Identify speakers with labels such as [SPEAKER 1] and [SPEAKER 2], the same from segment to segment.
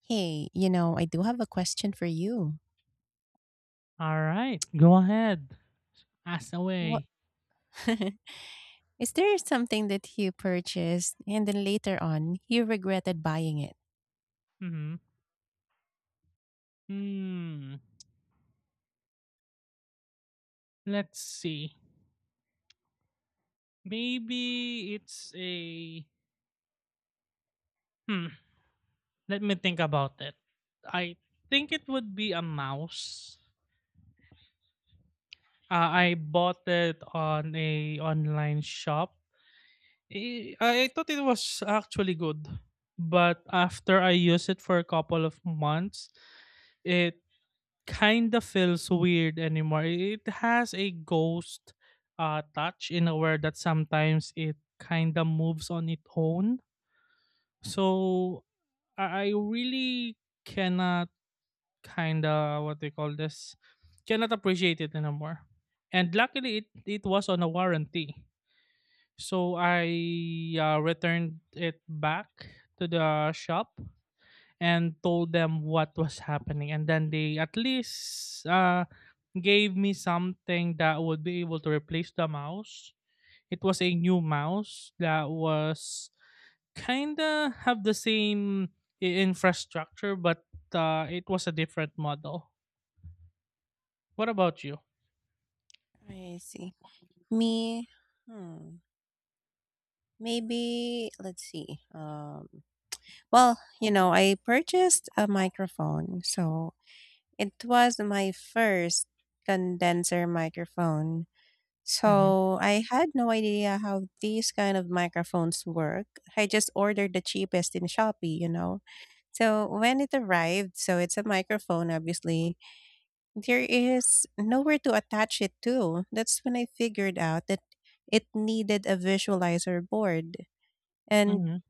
[SPEAKER 1] Hey, I do have a question for you.
[SPEAKER 2] All right, go ahead. Ask
[SPEAKER 1] What
[SPEAKER 2] away.
[SPEAKER 1] is there something that you purchased and then later on you regretted buying it?
[SPEAKER 2] Mm-hmm. Hmm. Let's see. Maybe it's a. Hmm. Let me think about it. I think it would be a mouse. I bought it on a online shop. I thought it was actually good, but after I used it for a couple of months, it kind of feels weird anymore. It has a ghost touch in a word that sometimes it kind of moves on its own. So I really cannot, kind of what they call this, cannot appreciate it anymore. And luckily, it was on a warranty. So I returned it back to the shop and told them what was happening. And then they at least gave me something that would be able to replace the mouse. It was a new mouse that was kinda have the same infrastructure, but it was a different model. What about you?
[SPEAKER 1] I see. Me, hmm, maybe let's see. I purchased a microphone, so it was my first condenser microphone.
[SPEAKER 2] Hmm.
[SPEAKER 1] So I had no idea how these kind of microphones work. I just ordered the cheapest in Shopee, So when it arrived, so it's a microphone obviously. There is nowhere to attach it to. That's when I figured out that it needed a visualizer board. And
[SPEAKER 2] Hmm.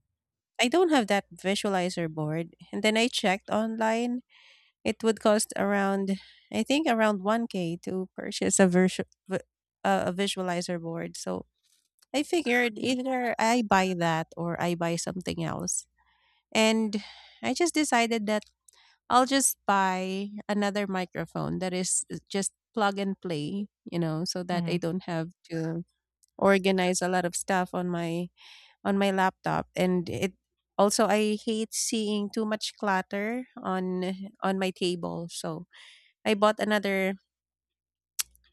[SPEAKER 1] I don't have that visualizer board. And then I checked online. It would cost around, I think, around 1k to purchase a a visualizer board. So I figured either I buy that or I buy something else. And I just decided that I'll just buy another microphone that is just plug and play, so that I
[SPEAKER 2] Hmm.
[SPEAKER 1] don't have to organize a lot of stuff on my laptop, and it also, I hate seeing too much clutter on my table. So I bought another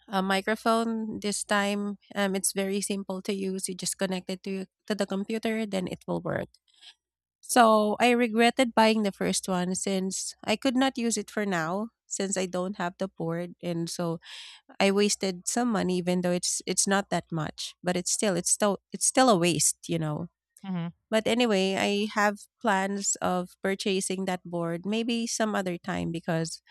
[SPEAKER 1] a microphone this time. It's very simple to use. You just connect it to the computer, then it will work. So I regretted buying the first one since I could not use it for now since I don't have the board, and so I wasted some money even though it's not that much, but it's still a waste,
[SPEAKER 2] Hmm.
[SPEAKER 1] But anyway, I have plans of purchasing that board maybe some other time because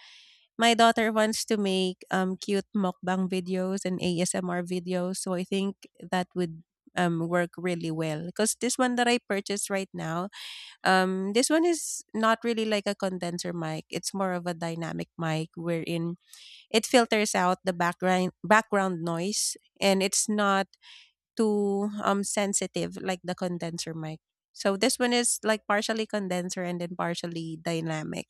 [SPEAKER 1] my daughter wants to make, cute mukbang videos and ASMR videos, so I think that would, work really well. Cause this one that I purchased right now, this one is not really like a condenser mic. It's more of a dynamic mic wherein it filters out the background noise and it's not too, sensitive like the condenser mic. So this one is like partially condenser and then partially dynamic,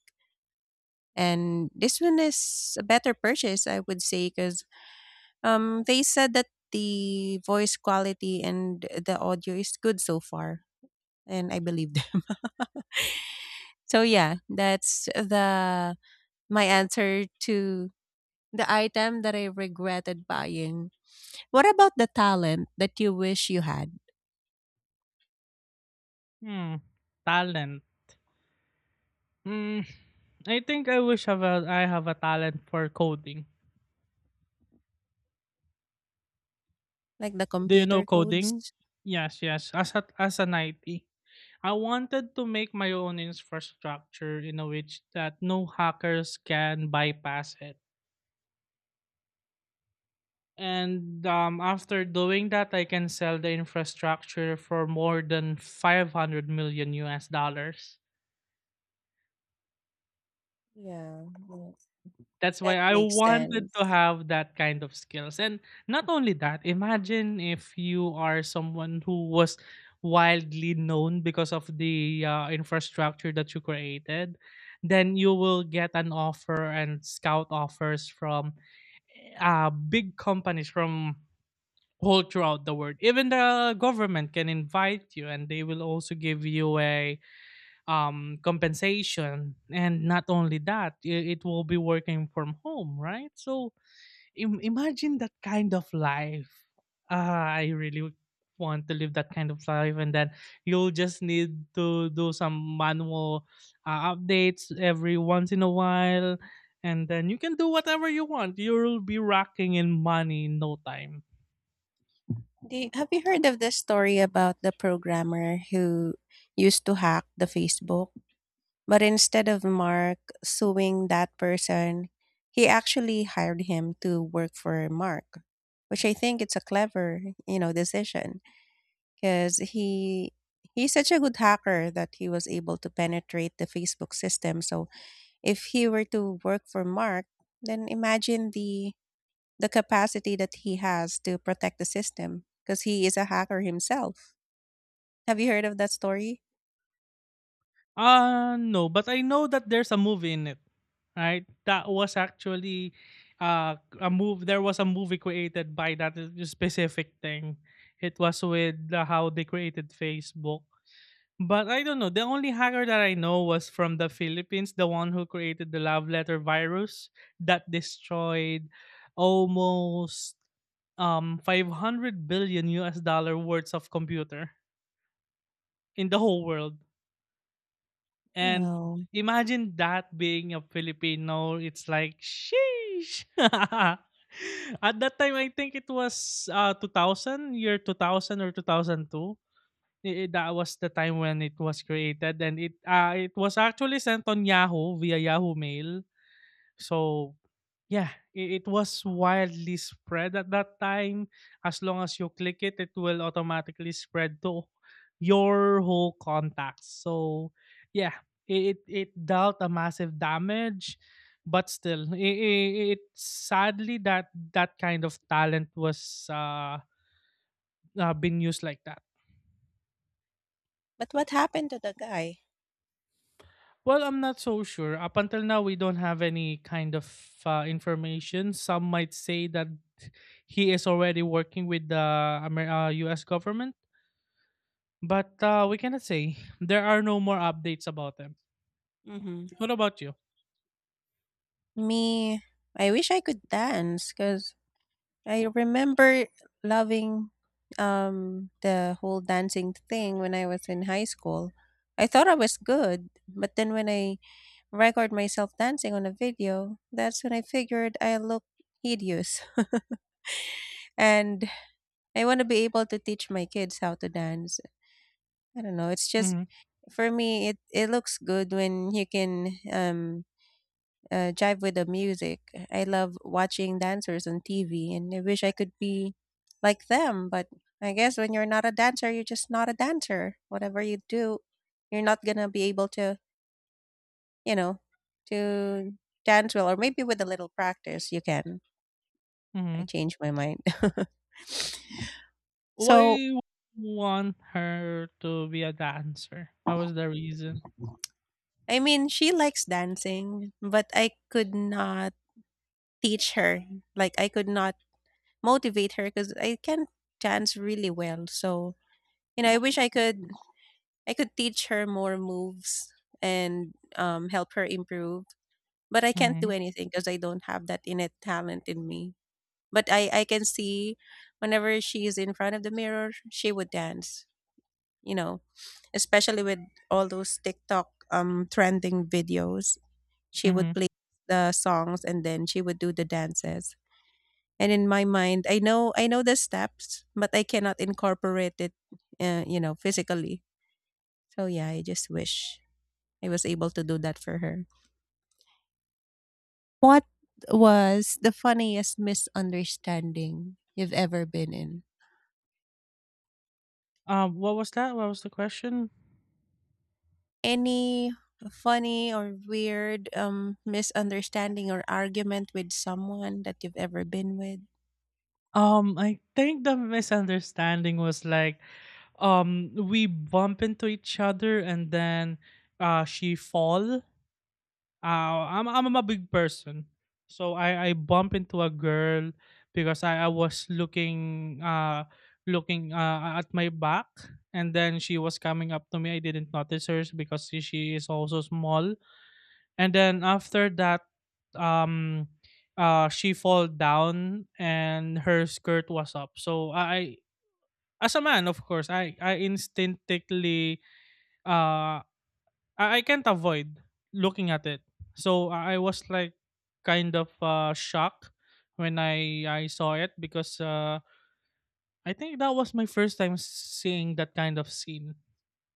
[SPEAKER 1] and this one is a better purchase, I would say, because um, they said that the voice quality and the audio is good so far, and I believe them. So yeah, that's the my answer to the item that I regretted buying. What about the talent that you wish you had?
[SPEAKER 2] Hmm, talent. Hmm, I think I wish have I have a talent for coding.
[SPEAKER 1] Like the
[SPEAKER 2] Do you know
[SPEAKER 1] computer codes?
[SPEAKER 2] coding? Yes, yes. As as an IT, I wanted to make my own infrastructure in a which that no hackers can bypass it. And after doing that, I can sell the infrastructure for more than 500 million US dollars.
[SPEAKER 1] Yeah, yeah,
[SPEAKER 2] That's why
[SPEAKER 1] that
[SPEAKER 2] I
[SPEAKER 1] makes
[SPEAKER 2] wanted to
[SPEAKER 1] sense.
[SPEAKER 2] have that kind of skills. And not only that, imagine if you are someone who was wildly known because of the infrastructure that you created, then you will get an offer and scout offers from big companies from all throughout the world. Even the government can invite you and they will also give you a compensation. And not only that, it will be working from home, right? So imagine that kind of life. Ah, I really would want to live that kind of life, and then you'll just need to do some manual updates every once in a while, and then you can do whatever you want. You'll be rocking in money in no time.
[SPEAKER 1] Do you- have you heard of the story about the programmer who used to hack the Facebook? But instead of Mark suing that person, he actually hired him to work for Mark, which I think it's a clever, decision because he's such a good hacker that he was able to penetrate the Facebook system. So if he were to work for Mark, then imagine the capacity that he has to protect the system because he is a hacker himself. Have you heard of that story?
[SPEAKER 2] No, but I know that there's a movie in it, right? That was actually a move. There was a movie created by that specific thing. It was with how they created Facebook. But I don't know. The only hacker that I know was from the Philippines, the one who created the love letter virus that destroyed almost 500 billion US dollar worth of computer in the whole world. And
[SPEAKER 1] Oh,
[SPEAKER 2] imagine that being a Filipino, it's like sheesh. At that time I think it was 2000, year 2000 or 2002. I that was the time when it was created and it was actually sent on Yahoo via Yahoo Mail. So, yeah, I it was wildly spread at that time. As long as you click it, it will automatically spread to your whole contacts. So, yeah, it it dealt a massive damage, but still, it sadly that that kind of talent was been used like that.
[SPEAKER 1] but what happened to the guy?
[SPEAKER 2] Well, I'm not so sure. Up until now, we don't have any kind of information. Some might say that he is already working with the US government, but we cannot say. There are no more updates about him.
[SPEAKER 1] Hmm.
[SPEAKER 2] What about you?
[SPEAKER 1] Me, I wish I could dance because I remember loving the whole dancing thing when I was in high school. I thought I was good, but then when I record myself dancing on a video, that's when I figured I look hideous. And I want to be able to teach my kids how to dance. I don't know. It's just
[SPEAKER 2] Mm-hmm.
[SPEAKER 1] for me, it looks good when you can jive with the music. I love watching dancers on TV, and I wish I could be like them. But I guess when you're not a dancer, you're just not a dancer. Whatever you do, you're not going to be able to, you know, to dance well. Or maybe with a little practice, you can. I
[SPEAKER 2] Mm-hmm.
[SPEAKER 1] changed my mind.
[SPEAKER 2] Why
[SPEAKER 1] So,
[SPEAKER 2] would you want her to be a dancer? What was the reason?
[SPEAKER 1] I mean, she likes dancing, but I could not teach her. Like, I could not motivate her because I can't dance really well. So, you know, I wish I could teach her more moves and help her improve, but I can't
[SPEAKER 2] Mm-hmm.
[SPEAKER 1] do anything because I don't have that innate talent in me. But I can see whenever she is in front of the mirror, she would dance. You know, especially with all those TikTok um, trending videos, she
[SPEAKER 2] Mm-hmm.
[SPEAKER 1] would play the songs and then she would do the dances, and in my mind, I know the steps but I cannot incorporate it, physically. So yeah, I just wish I was able to do that for her. What was the funniest misunderstanding you've ever been in?
[SPEAKER 2] What was that? What was the question?
[SPEAKER 1] Any funny or weird misunderstanding or argument with someone that you've ever been with?
[SPEAKER 2] I think the misunderstanding was like, we bump into each other and then, she fall. I'm a big person, so I bump into a girl because I was looking looking at my back and then she was coming up to me. I didn't notice her because she is also small, and then after that um she fall down and her skirt was up, so i, as a man, of course I instinctively, uh I can't avoid looking at it. So I was like kind of shocked when I saw it because I think that was my first time seeing that kind of scene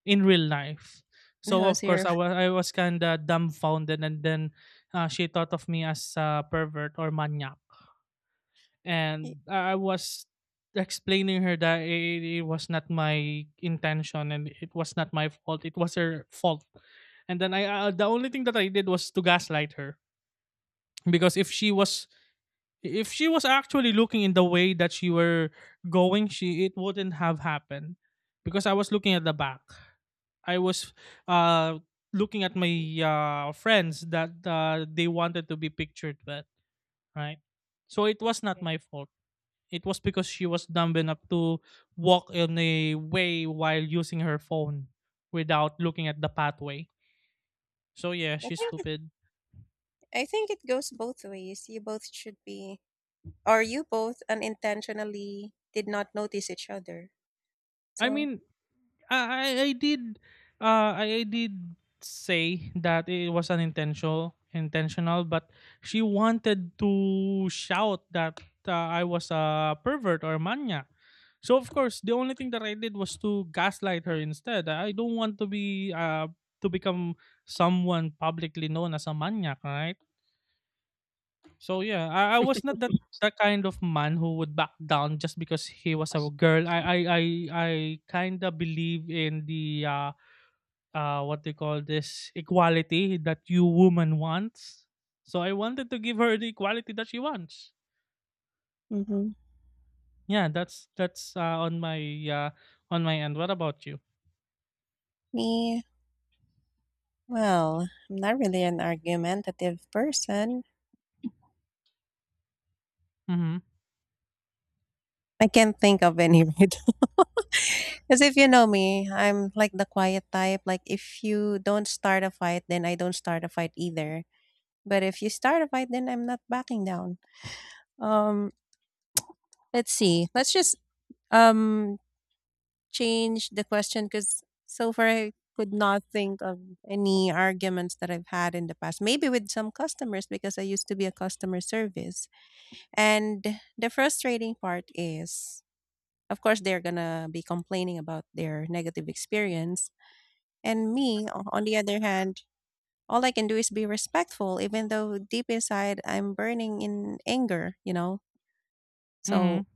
[SPEAKER 2] in real life.
[SPEAKER 1] That
[SPEAKER 2] So
[SPEAKER 1] was
[SPEAKER 2] of
[SPEAKER 1] your.
[SPEAKER 2] course I was kind of dumbfounded. And then she thought of me as a pervert or maniac. And I was explaining her that it was not my intention and it was not my fault. It was her fault. And then I, the only thing that I did was to gaslight her, because if she was actually looking in the way that she were going, she it wouldn't have happened, because I was looking at the back. I was uh looking at my friends that they wanted to be pictured with, right? So it was not
[SPEAKER 1] Right.
[SPEAKER 2] my fault. It was because she was dumb enough to walk in a way while using her phone without looking at the pathway. So yeah,
[SPEAKER 1] I
[SPEAKER 2] she's
[SPEAKER 1] think it,
[SPEAKER 2] stupid.
[SPEAKER 1] I think it goes both ways. You both should be, or you both unintentionally did not notice each other.
[SPEAKER 2] I
[SPEAKER 1] So,
[SPEAKER 2] mean, Uh, I I did I did say that it was unintentional intentional, but she wanted to shout that I was a pervert or mania. So of course the only thing that I did was to gaslight her instead. I don't want to be to become someone publicly known as a maniac, right? So yeah, I was not that that kind of man who would back down just because he was a girl. I kinda believe in the what they call this equality that you woman wants. So I wanted to give her the equality that she wants.
[SPEAKER 1] mm-hmm.
[SPEAKER 2] Yeah, that's uh on my end. What about you?
[SPEAKER 1] Me, well, I'm not really an argumentative person.
[SPEAKER 2] Mhm.
[SPEAKER 1] I can't think of any. Right. Because if you know me, I'm like the quiet type. Like if you don't start a fight, then I don't start a fight either. But if you start a fight, then I'm not backing down. Um, let's see. Let's just um, change the question because so far I could not think of any arguments that I've had in the past. Maybe with some customers because I used to be a customer service. And the frustrating part is, of course, they're going to be complaining about their negative experience. And me, o- on the other hand, all I can do is be respectful, even though deep inside I'm burning in anger, you know? So,
[SPEAKER 2] Mhm.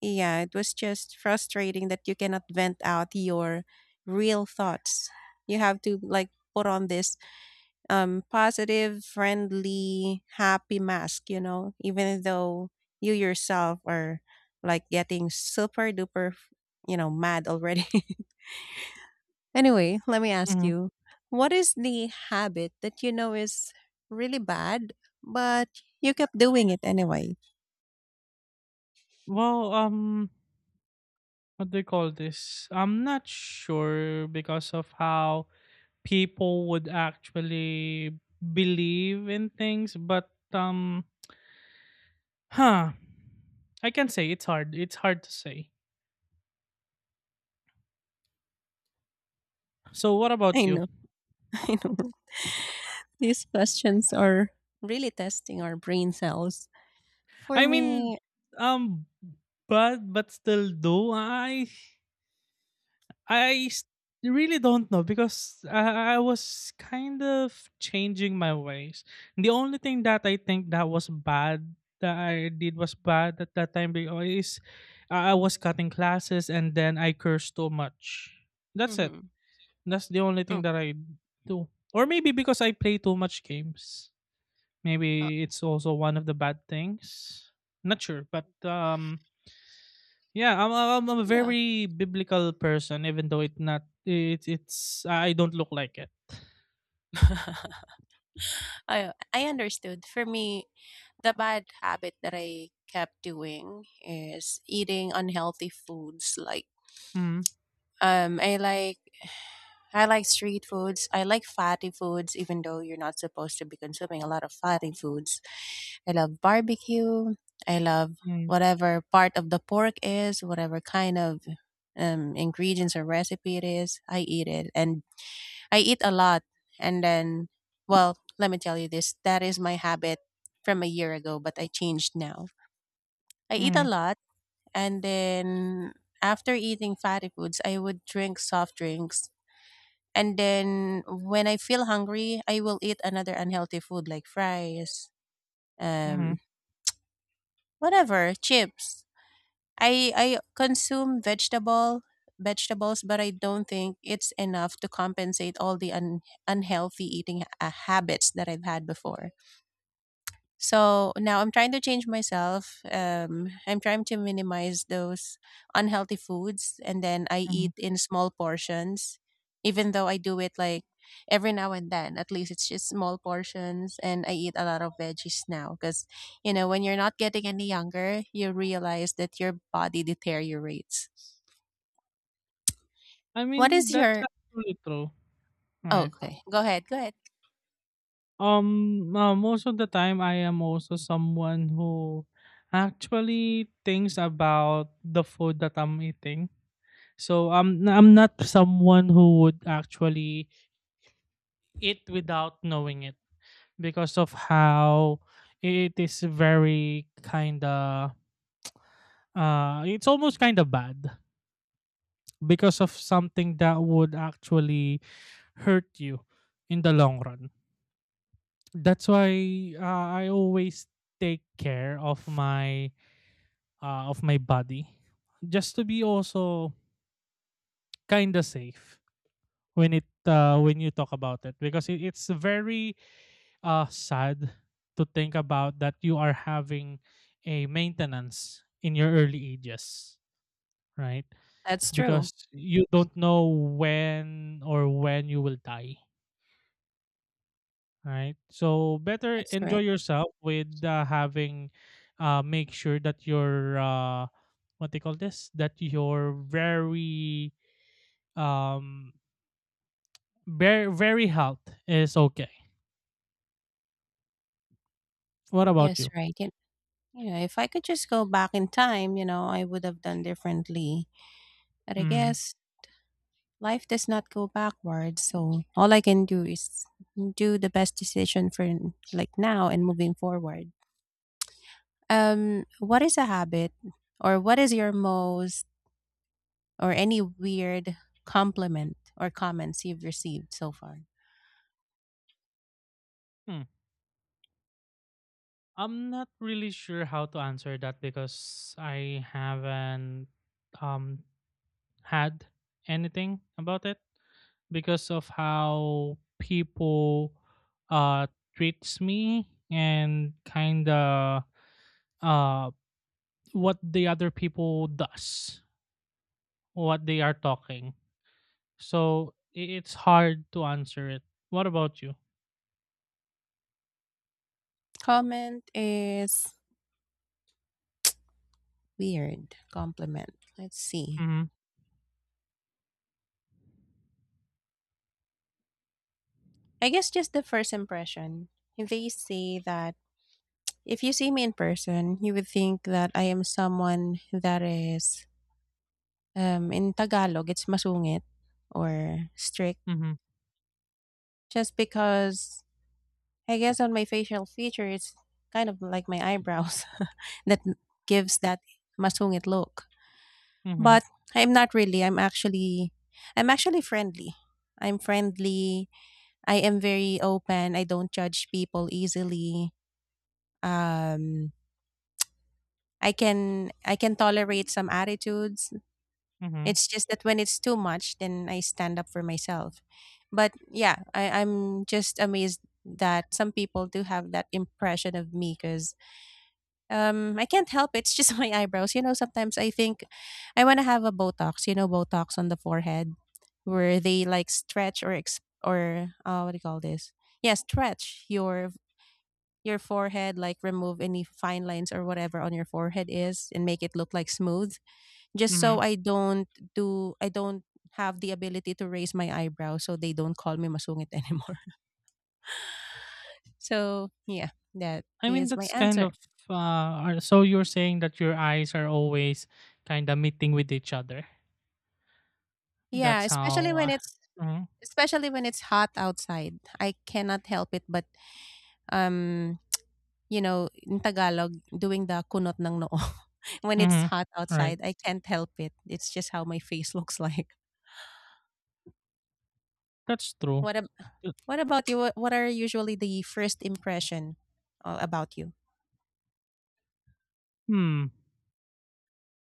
[SPEAKER 1] yeah, it was just frustrating that you cannot vent out your real thoughts. You have to like put on this um, positive, friendly, happy mask, you know, even though you yourself are like getting super duper, mad already. Anyway, let me ask
[SPEAKER 2] Mhm.
[SPEAKER 1] you, what is the habit that you know is really bad, but you kept doing it anyway?
[SPEAKER 2] Well, what do you call this? I'm not sure because of how people would actually believe in things, but huh. I can say it's hard. It's hard to say. So what
[SPEAKER 1] I
[SPEAKER 2] about you?
[SPEAKER 1] know. I know. These questions are really testing our brain cells. For
[SPEAKER 2] I mean,
[SPEAKER 1] me,
[SPEAKER 2] um, but still, though, I s- really don't know because I was kind of changing my ways. The only thing that I think that was bad that I did was bad at that time is I was cutting classes and then I cursed too much. That's it. That's the only thing that I do. Or maybe because I play too much games. Maybe it's also one of the bad things. Not sure, but yeah, I'm a very biblical person, even though it not it it's I don't look like it.
[SPEAKER 1] I understood. For me, the bad habit that I kept doing is eating unhealthy foods. Like
[SPEAKER 2] Mhm,
[SPEAKER 1] I like I like street foods. I like fatty foods, even though you're not supposed to be consuming a lot of fatty foods. I love barbecue. I love
[SPEAKER 2] mhm,
[SPEAKER 1] whatever part of the pork is, whatever kind of ingredients or recipe it is. I eat it, and I eat a lot, and then well, let me tell you this, that is my habit from a year ago, but I changed now. I eat a
[SPEAKER 2] mhm,
[SPEAKER 1] lot and then after eating fatty foods, I would drink soft drinks. And then when I feel hungry, I will eat another unhealthy food like fries,
[SPEAKER 2] mhm,
[SPEAKER 1] um, whatever, chips. I consume vegetables, but I don't think it's enough to compensate all the unhealthy eating habits that I've had before. So now I'm trying to change myself. I'm trying to minimize those unhealthy foods and then I
[SPEAKER 2] mhm.
[SPEAKER 1] eat in small portions, even though I do it like every now and then. At least it's just small portions and I eat a lot of veggies now because, you know, when you're not getting any younger, you realize that your body deteriorates.
[SPEAKER 2] I
[SPEAKER 1] What is
[SPEAKER 2] mean, that's
[SPEAKER 1] your.
[SPEAKER 2] actually true,
[SPEAKER 1] Oh,
[SPEAKER 2] right?
[SPEAKER 1] okay. Go ahead. Go ahead.
[SPEAKER 2] Most of the time, I am also someone who actually thinks about the food that I'm eating. So I'm not someone who would actually it without knowing it, because of how it is very kind of, it's almost kind of bad because of something that would actually hurt you in the long run. That's why, I always take care of my, of my body, just to be also kind of safe when it, when you talk about it, because it's very sad to think about that you are having a maintenance in your early ages, right?
[SPEAKER 1] That's true.
[SPEAKER 2] Because you don't know when or when you will die, right? So better
[SPEAKER 1] That's
[SPEAKER 2] enjoy
[SPEAKER 1] right.
[SPEAKER 2] yourself with, having make sure that your, what they call this, that your very um health is okay. What about
[SPEAKER 1] Yes,
[SPEAKER 2] you?
[SPEAKER 1] right. Yeah, if I could just go back in time, you know, I would have done differently. But I
[SPEAKER 2] Mhm.
[SPEAKER 1] guess life does not go backwards, so all I can do is do the best decision for n- like now and moving forward. What is a habit or what is your most or any weird compliment or comments you've received so far?
[SPEAKER 2] I'm not really sure how to answer that because I haven't um had anything about it because of how people uh treats me, and kind of uh what the other people does, what they are talking. So it's hard to answer it. What about you?
[SPEAKER 1] Comment is weird. Compliment. Let's see.
[SPEAKER 2] Mm-hmm.
[SPEAKER 1] I guess just the first impression. They say that if you see me in person, you would think that I am someone that is, in Tagalog, it's masungit or strict,
[SPEAKER 2] Mm-hmm.
[SPEAKER 1] just because I guess on my facial feature, it's kind of like my eyebrows that gives that masungit look.
[SPEAKER 2] Mm-hmm.
[SPEAKER 1] But I'm not really. I'm actually friendly. I'm friendly. I am very open. I don't judge people easily. Um, I can tolerate some attitudes.
[SPEAKER 2] Mm-hmm.
[SPEAKER 1] It's just that when it's too much, then I stand up for myself. But yeah, I'm just amazed that some people do have that impression of me because I can't help it. It's just my eyebrows. You know, sometimes I think I want to have a Botox, you know, Botox on the forehead where they like stretch or, ex- or what do you call this? Yeah, stretch your forehead like remove any fine lines or whatever on your forehead is and make it look like smooth just
[SPEAKER 2] Mm-hmm.
[SPEAKER 1] so I don't do I don't have the ability to raise my eyebrows so they don't call me masungit anymore. So yeah, that
[SPEAKER 2] I mean,
[SPEAKER 1] is my
[SPEAKER 2] that's kind
[SPEAKER 1] answer.
[SPEAKER 2] of so you're saying that your eyes are always kind of meeting with each other.
[SPEAKER 1] Yeah,
[SPEAKER 2] That's how. Mm-hmm,
[SPEAKER 1] especially when it's hot outside. I cannot help it but um in Tagalog, doing the kunot ng noo. When it's
[SPEAKER 2] mm-hmm,
[SPEAKER 1] hot
[SPEAKER 2] right.
[SPEAKER 1] outside, I can't help it. It's just how my face looks like.
[SPEAKER 2] That's true.
[SPEAKER 1] What
[SPEAKER 2] Uh,
[SPEAKER 1] What about you? What are usually the first impression about you?
[SPEAKER 2] Hmm.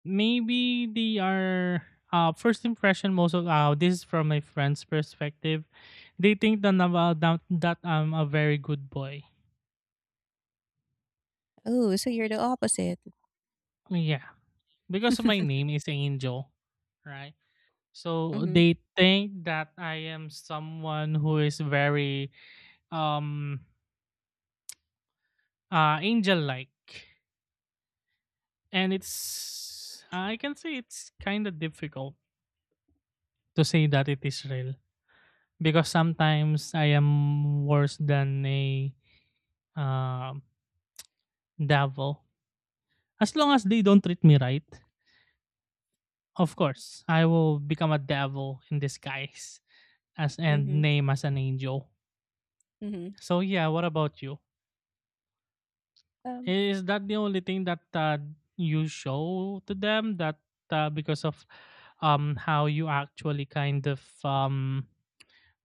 [SPEAKER 2] Maybe they are. First impression. Most of, this is from my friend's perspective. They think that I'm, that I'm a very good boy.
[SPEAKER 1] Oh, so you're the opposite.
[SPEAKER 2] Yeah, because my name is Angel, right? So
[SPEAKER 1] Mm-hmm.
[SPEAKER 2] they think that I am someone who is very um angel like. And it's I can say it's kind of difficult to say that it is real, because sometimes I am worse than a, uh, devil. As long as they don't treat me right, of course I will become a devil in disguise, as and
[SPEAKER 1] Mm-hmm.
[SPEAKER 2] name as an angel.
[SPEAKER 1] Mm-hmm.
[SPEAKER 2] So yeah, what about you?
[SPEAKER 1] Um,
[SPEAKER 2] Is that the only thing that, you show to them that, because of how you actually kind of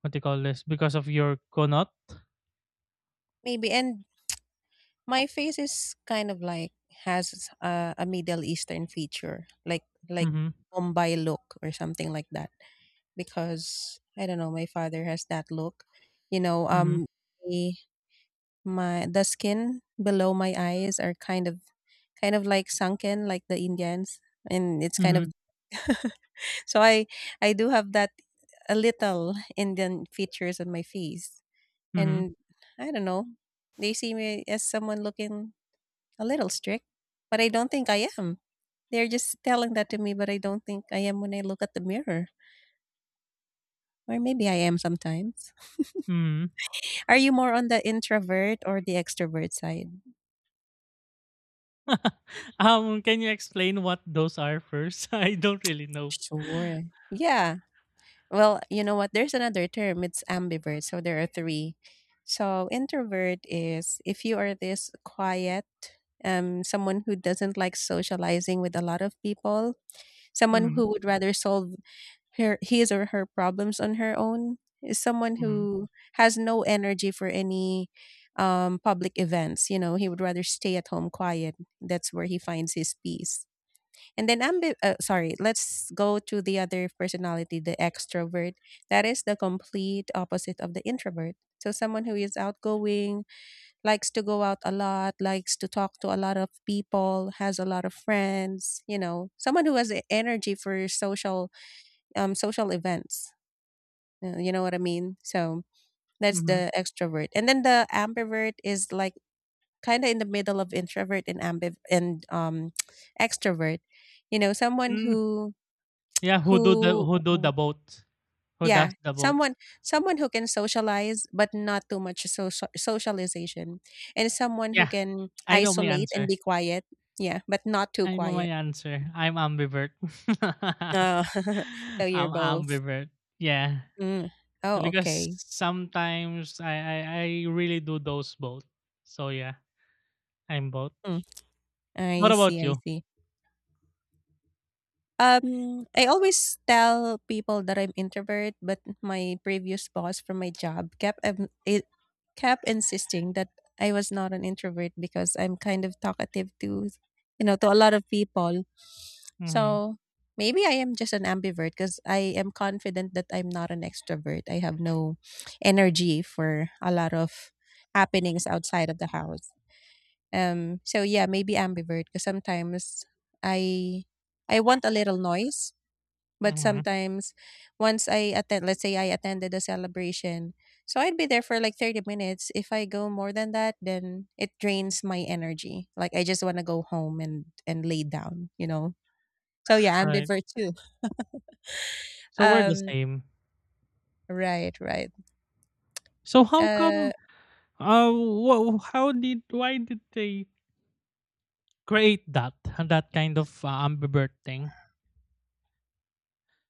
[SPEAKER 2] what do you call this, because of your konot?
[SPEAKER 1] Maybe. And my face is kind of like has a Middle Eastern feature, like
[SPEAKER 2] Mhm.
[SPEAKER 1] Mumbai look or something like that. Because I don't know, my father has that look. You know,
[SPEAKER 2] Mhm.
[SPEAKER 1] the, my the skin below my eyes are kind of like sunken, like the Indians, and it's kind
[SPEAKER 2] Mhm.
[SPEAKER 1] of so I do have that a little Indian features on my face,
[SPEAKER 2] Mhm.
[SPEAKER 1] and I don't know. They see me as someone looking a little strict, but I don't think I am. They're just telling that to me, but I don't think I am when I look at the mirror. Or maybe I am sometimes.
[SPEAKER 2] Mhm.
[SPEAKER 1] Are you more on the introvert or the extrovert side?
[SPEAKER 2] Can you explain what those are first? I don't really know.
[SPEAKER 1] Sure. Yeah. Well, you know what? There's another term. It's ambivert. So there are three. So introvert is if you are this quiet, someone who doesn't like socializing with a lot of people, someone
[SPEAKER 2] Mhm.
[SPEAKER 1] who would rather solve her his or her problems on her own is someone
[SPEAKER 2] Mhm.
[SPEAKER 1] who has no energy for any public events. You know, he would rather stay at home quiet. That's where he finds his peace. And then sorry, let's go to the other personality, the extrovert. That is the complete opposite of the introvert. So someone who is outgoing, likes to go out a lot, likes to talk to a lot of people, has a lot of friends, you know, someone who has energy for social social events. You know what I mean? So that's
[SPEAKER 2] Mhm.
[SPEAKER 1] the extrovert. And then the ambivert is like kind of in the middle of introvert and ambiv and extrovert. You know, someone
[SPEAKER 2] Mm.
[SPEAKER 1] who
[SPEAKER 2] Yeah,
[SPEAKER 1] who
[SPEAKER 2] who do
[SPEAKER 1] w-
[SPEAKER 2] the boat? Who
[SPEAKER 1] yeah,
[SPEAKER 2] does the boat?
[SPEAKER 1] someone someone who can socialize but not too much social socialization and someone who
[SPEAKER 2] Yeah,
[SPEAKER 1] can
[SPEAKER 2] I know my
[SPEAKER 1] isolate and
[SPEAKER 2] answer.
[SPEAKER 1] be quiet. Yeah, but not too
[SPEAKER 2] I know my
[SPEAKER 1] quiet.
[SPEAKER 2] answer. I'm ambivert.
[SPEAKER 1] Oh, so you're
[SPEAKER 2] I'm
[SPEAKER 1] both.
[SPEAKER 2] ambivert. Yeah,
[SPEAKER 1] Mm. Oh,
[SPEAKER 2] because
[SPEAKER 1] okay.
[SPEAKER 2] sometimes I really do those both. So yeah, I'm both.
[SPEAKER 1] Mm. I
[SPEAKER 2] What
[SPEAKER 1] see,
[SPEAKER 2] about
[SPEAKER 1] I
[SPEAKER 2] you?
[SPEAKER 1] see. I always tell people that I'm introvert, but my previous boss from my job kept it kept insisting that I was not an introvert because I'm kind of talkative to, you know, to a lot of people.
[SPEAKER 2] Mm-hmm.
[SPEAKER 1] So maybe I am just an ambivert because I am confident that I'm not an extrovert. I have no energy for a lot of happenings outside of the house. So yeah, maybe ambivert because sometimes I I want a little noise, but
[SPEAKER 2] Mm-hmm.
[SPEAKER 1] sometimes once I attend, let's say I attended a celebration, so I'd be there for like 30 minutes. If I go more than that, then it drains my energy. Like I just want to go home and lay down, you know. So yeah,
[SPEAKER 2] All right.
[SPEAKER 1] ambivert too.
[SPEAKER 2] So we're the
[SPEAKER 1] Um,
[SPEAKER 2] same.
[SPEAKER 1] right, right.
[SPEAKER 2] So how
[SPEAKER 1] Uh,
[SPEAKER 2] come? How did why did they create that that kind of ambivert thing?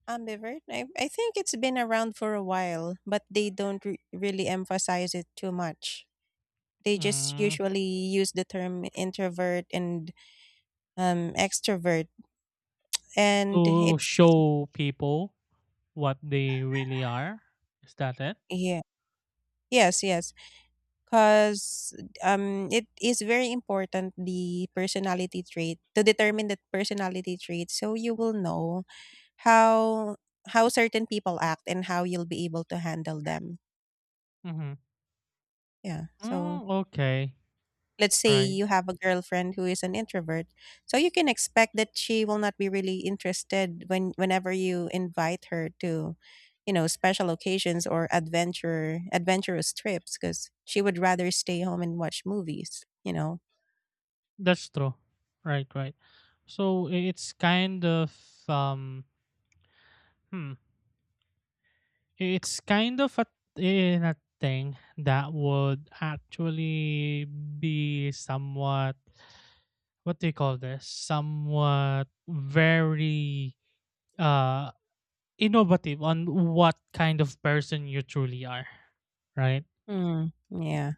[SPEAKER 1] Ambivert. I think it's been around for a while, but they don't really emphasize it too much. They just
[SPEAKER 2] Mm,
[SPEAKER 1] usually use the term introvert and extrovert. And
[SPEAKER 2] to
[SPEAKER 1] it's
[SPEAKER 2] show people what they really are? Is that it?
[SPEAKER 1] yeah, yes, yes, because it is very important the personality trait, to determine the personality trait, so you will know how how certain people act and how you'll be able to handle them.
[SPEAKER 2] Mm-hmm.
[SPEAKER 1] Yeah, so
[SPEAKER 2] Mm, okay.
[SPEAKER 1] let's say
[SPEAKER 2] Right.
[SPEAKER 1] you have a girlfriend who is an introvert. So you can expect that she will not be really interested when whenever you invite her to, you know, special occasions or adventure adventurous trips because she would rather stay home and watch movies, you know.
[SPEAKER 2] That's true. Right, right. So it's kind of um hmm. It's kind of a, in a thing that would actually be somewhat, what do you call this, somewhat very uh innovative on what kind of person you truly are, right?
[SPEAKER 1] Mm, yeah,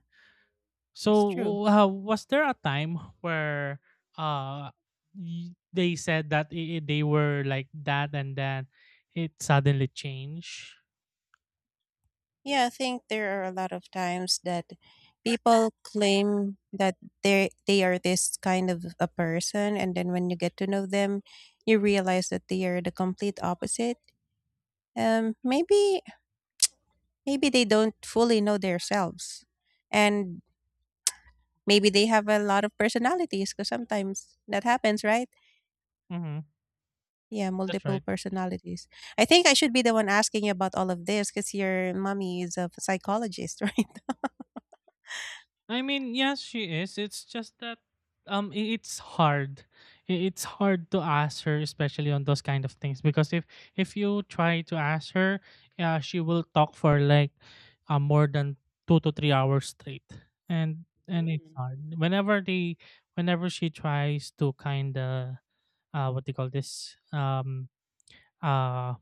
[SPEAKER 1] that's true.
[SPEAKER 2] So, was there a time where uh they said that they were like that and then it suddenly changed?
[SPEAKER 1] Yeah, I think there are a lot of times that people claim that they are this kind of a person, and then when you get to know them you realize that they are the complete opposite. Maybe maybe they don't fully know themselves, and maybe they have a lot of personalities because sometimes that happens, right?
[SPEAKER 2] Mhm.
[SPEAKER 1] Yeah,
[SPEAKER 2] That's
[SPEAKER 1] multiple
[SPEAKER 2] right.
[SPEAKER 1] personalities. I think I should be the one asking you about all of this because your mommy is a psychologist. Right?
[SPEAKER 2] I mean, yes, she is. It's just that it's hard. I- It's hard to ask her, especially on those kind of things, because if you try to ask her, yeah, she will talk for like, more than 2 to 3 hours straight. And it's hard. Whenever they, whenever she tries to kind of, what do you call this? Uh,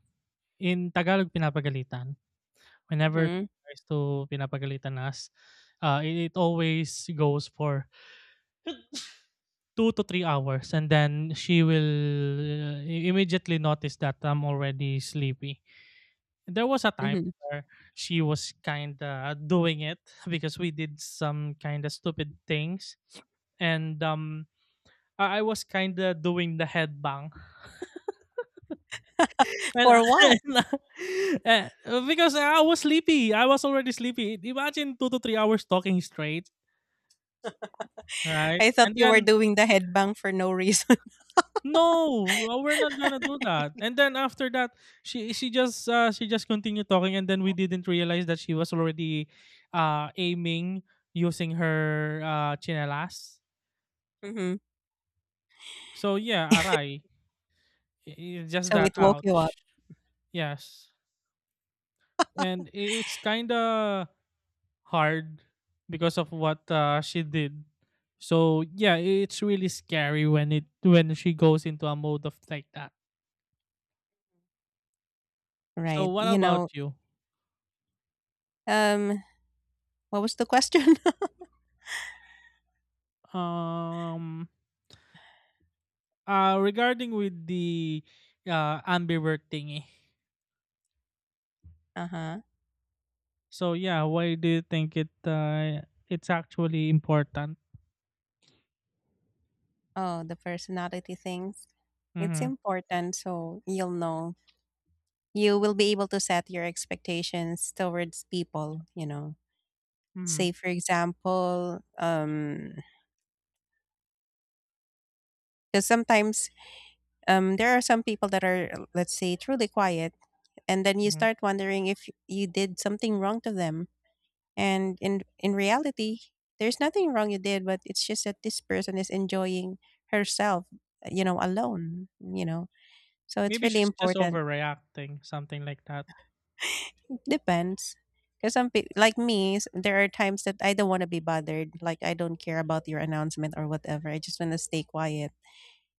[SPEAKER 2] in Tagalog, pinapagalitan. Whenever
[SPEAKER 1] Mm-hmm.
[SPEAKER 2] tries to pinapagalitan us, it always goes for 2 to 3 hours, and then she will, immediately notice that I'm already sleepy. There was a time
[SPEAKER 1] Mhm.
[SPEAKER 2] where she was kind of doing it because we did some kind of stupid things, and I was kind of doing the headbang. Well,
[SPEAKER 1] For what?
[SPEAKER 2] eh, because I was sleepy. I was already sleepy. Imagine 2 to 3 hours talking straight, right?
[SPEAKER 1] I thought
[SPEAKER 2] And
[SPEAKER 1] you were
[SPEAKER 2] then,
[SPEAKER 1] doing the headbang for no reason.
[SPEAKER 2] "No, well, we're not gonna do that." And then after that, she just continued talking, and then we didn't realize that she was already, aiming using her, tsinelas.
[SPEAKER 1] Hmm.
[SPEAKER 2] So yeah, aray. I I just
[SPEAKER 1] So
[SPEAKER 2] that
[SPEAKER 1] it woke you up,
[SPEAKER 2] ouch. Yes. And I it's kinda hard because of what, she did. So yeah, it's really scary when it, when she goes into a mode of like that. So
[SPEAKER 1] right?
[SPEAKER 2] what
[SPEAKER 1] You
[SPEAKER 2] about
[SPEAKER 1] know,
[SPEAKER 2] you?
[SPEAKER 1] um, what was the question?
[SPEAKER 2] Um, regarding with the, ambivert thingy.
[SPEAKER 1] Uh huh.
[SPEAKER 2] So yeah, why do you think it, it's actually important?
[SPEAKER 1] Oh, the personality things. It's
[SPEAKER 2] Mm-hmm,
[SPEAKER 1] important, so you'll know. You will be able to set your expectations towards people. You know.
[SPEAKER 2] mm-hmm,
[SPEAKER 1] Say, for example, because sometimes there are some people that are, let's say, truly quiet, and then you
[SPEAKER 2] hmm.
[SPEAKER 1] start wondering if you did something wrong to them. And in reality, there's nothing wrong you did, but it's just that this person is enjoying herself, you know, alone, you know. So it's
[SPEAKER 2] Maybe
[SPEAKER 1] really
[SPEAKER 2] she's just
[SPEAKER 1] important.
[SPEAKER 2] overreacting, something like that.
[SPEAKER 1] It depends. Because some people, like me, there are times that I don't want to be bothered. Like I don't care about your announcement or whatever. I just want to stay quiet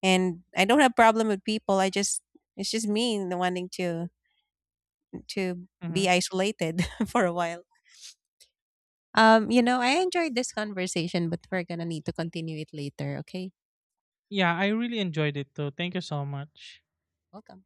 [SPEAKER 1] and I don't have problem with people. I just it's just me wanting to
[SPEAKER 2] Mm-hmm.
[SPEAKER 1] be isolated for a while. You know, I enjoyed this conversation, but we're gonna need to continue it later. Okay,
[SPEAKER 2] Yeah, I really enjoyed it too. Thank you so much.
[SPEAKER 1] welcome.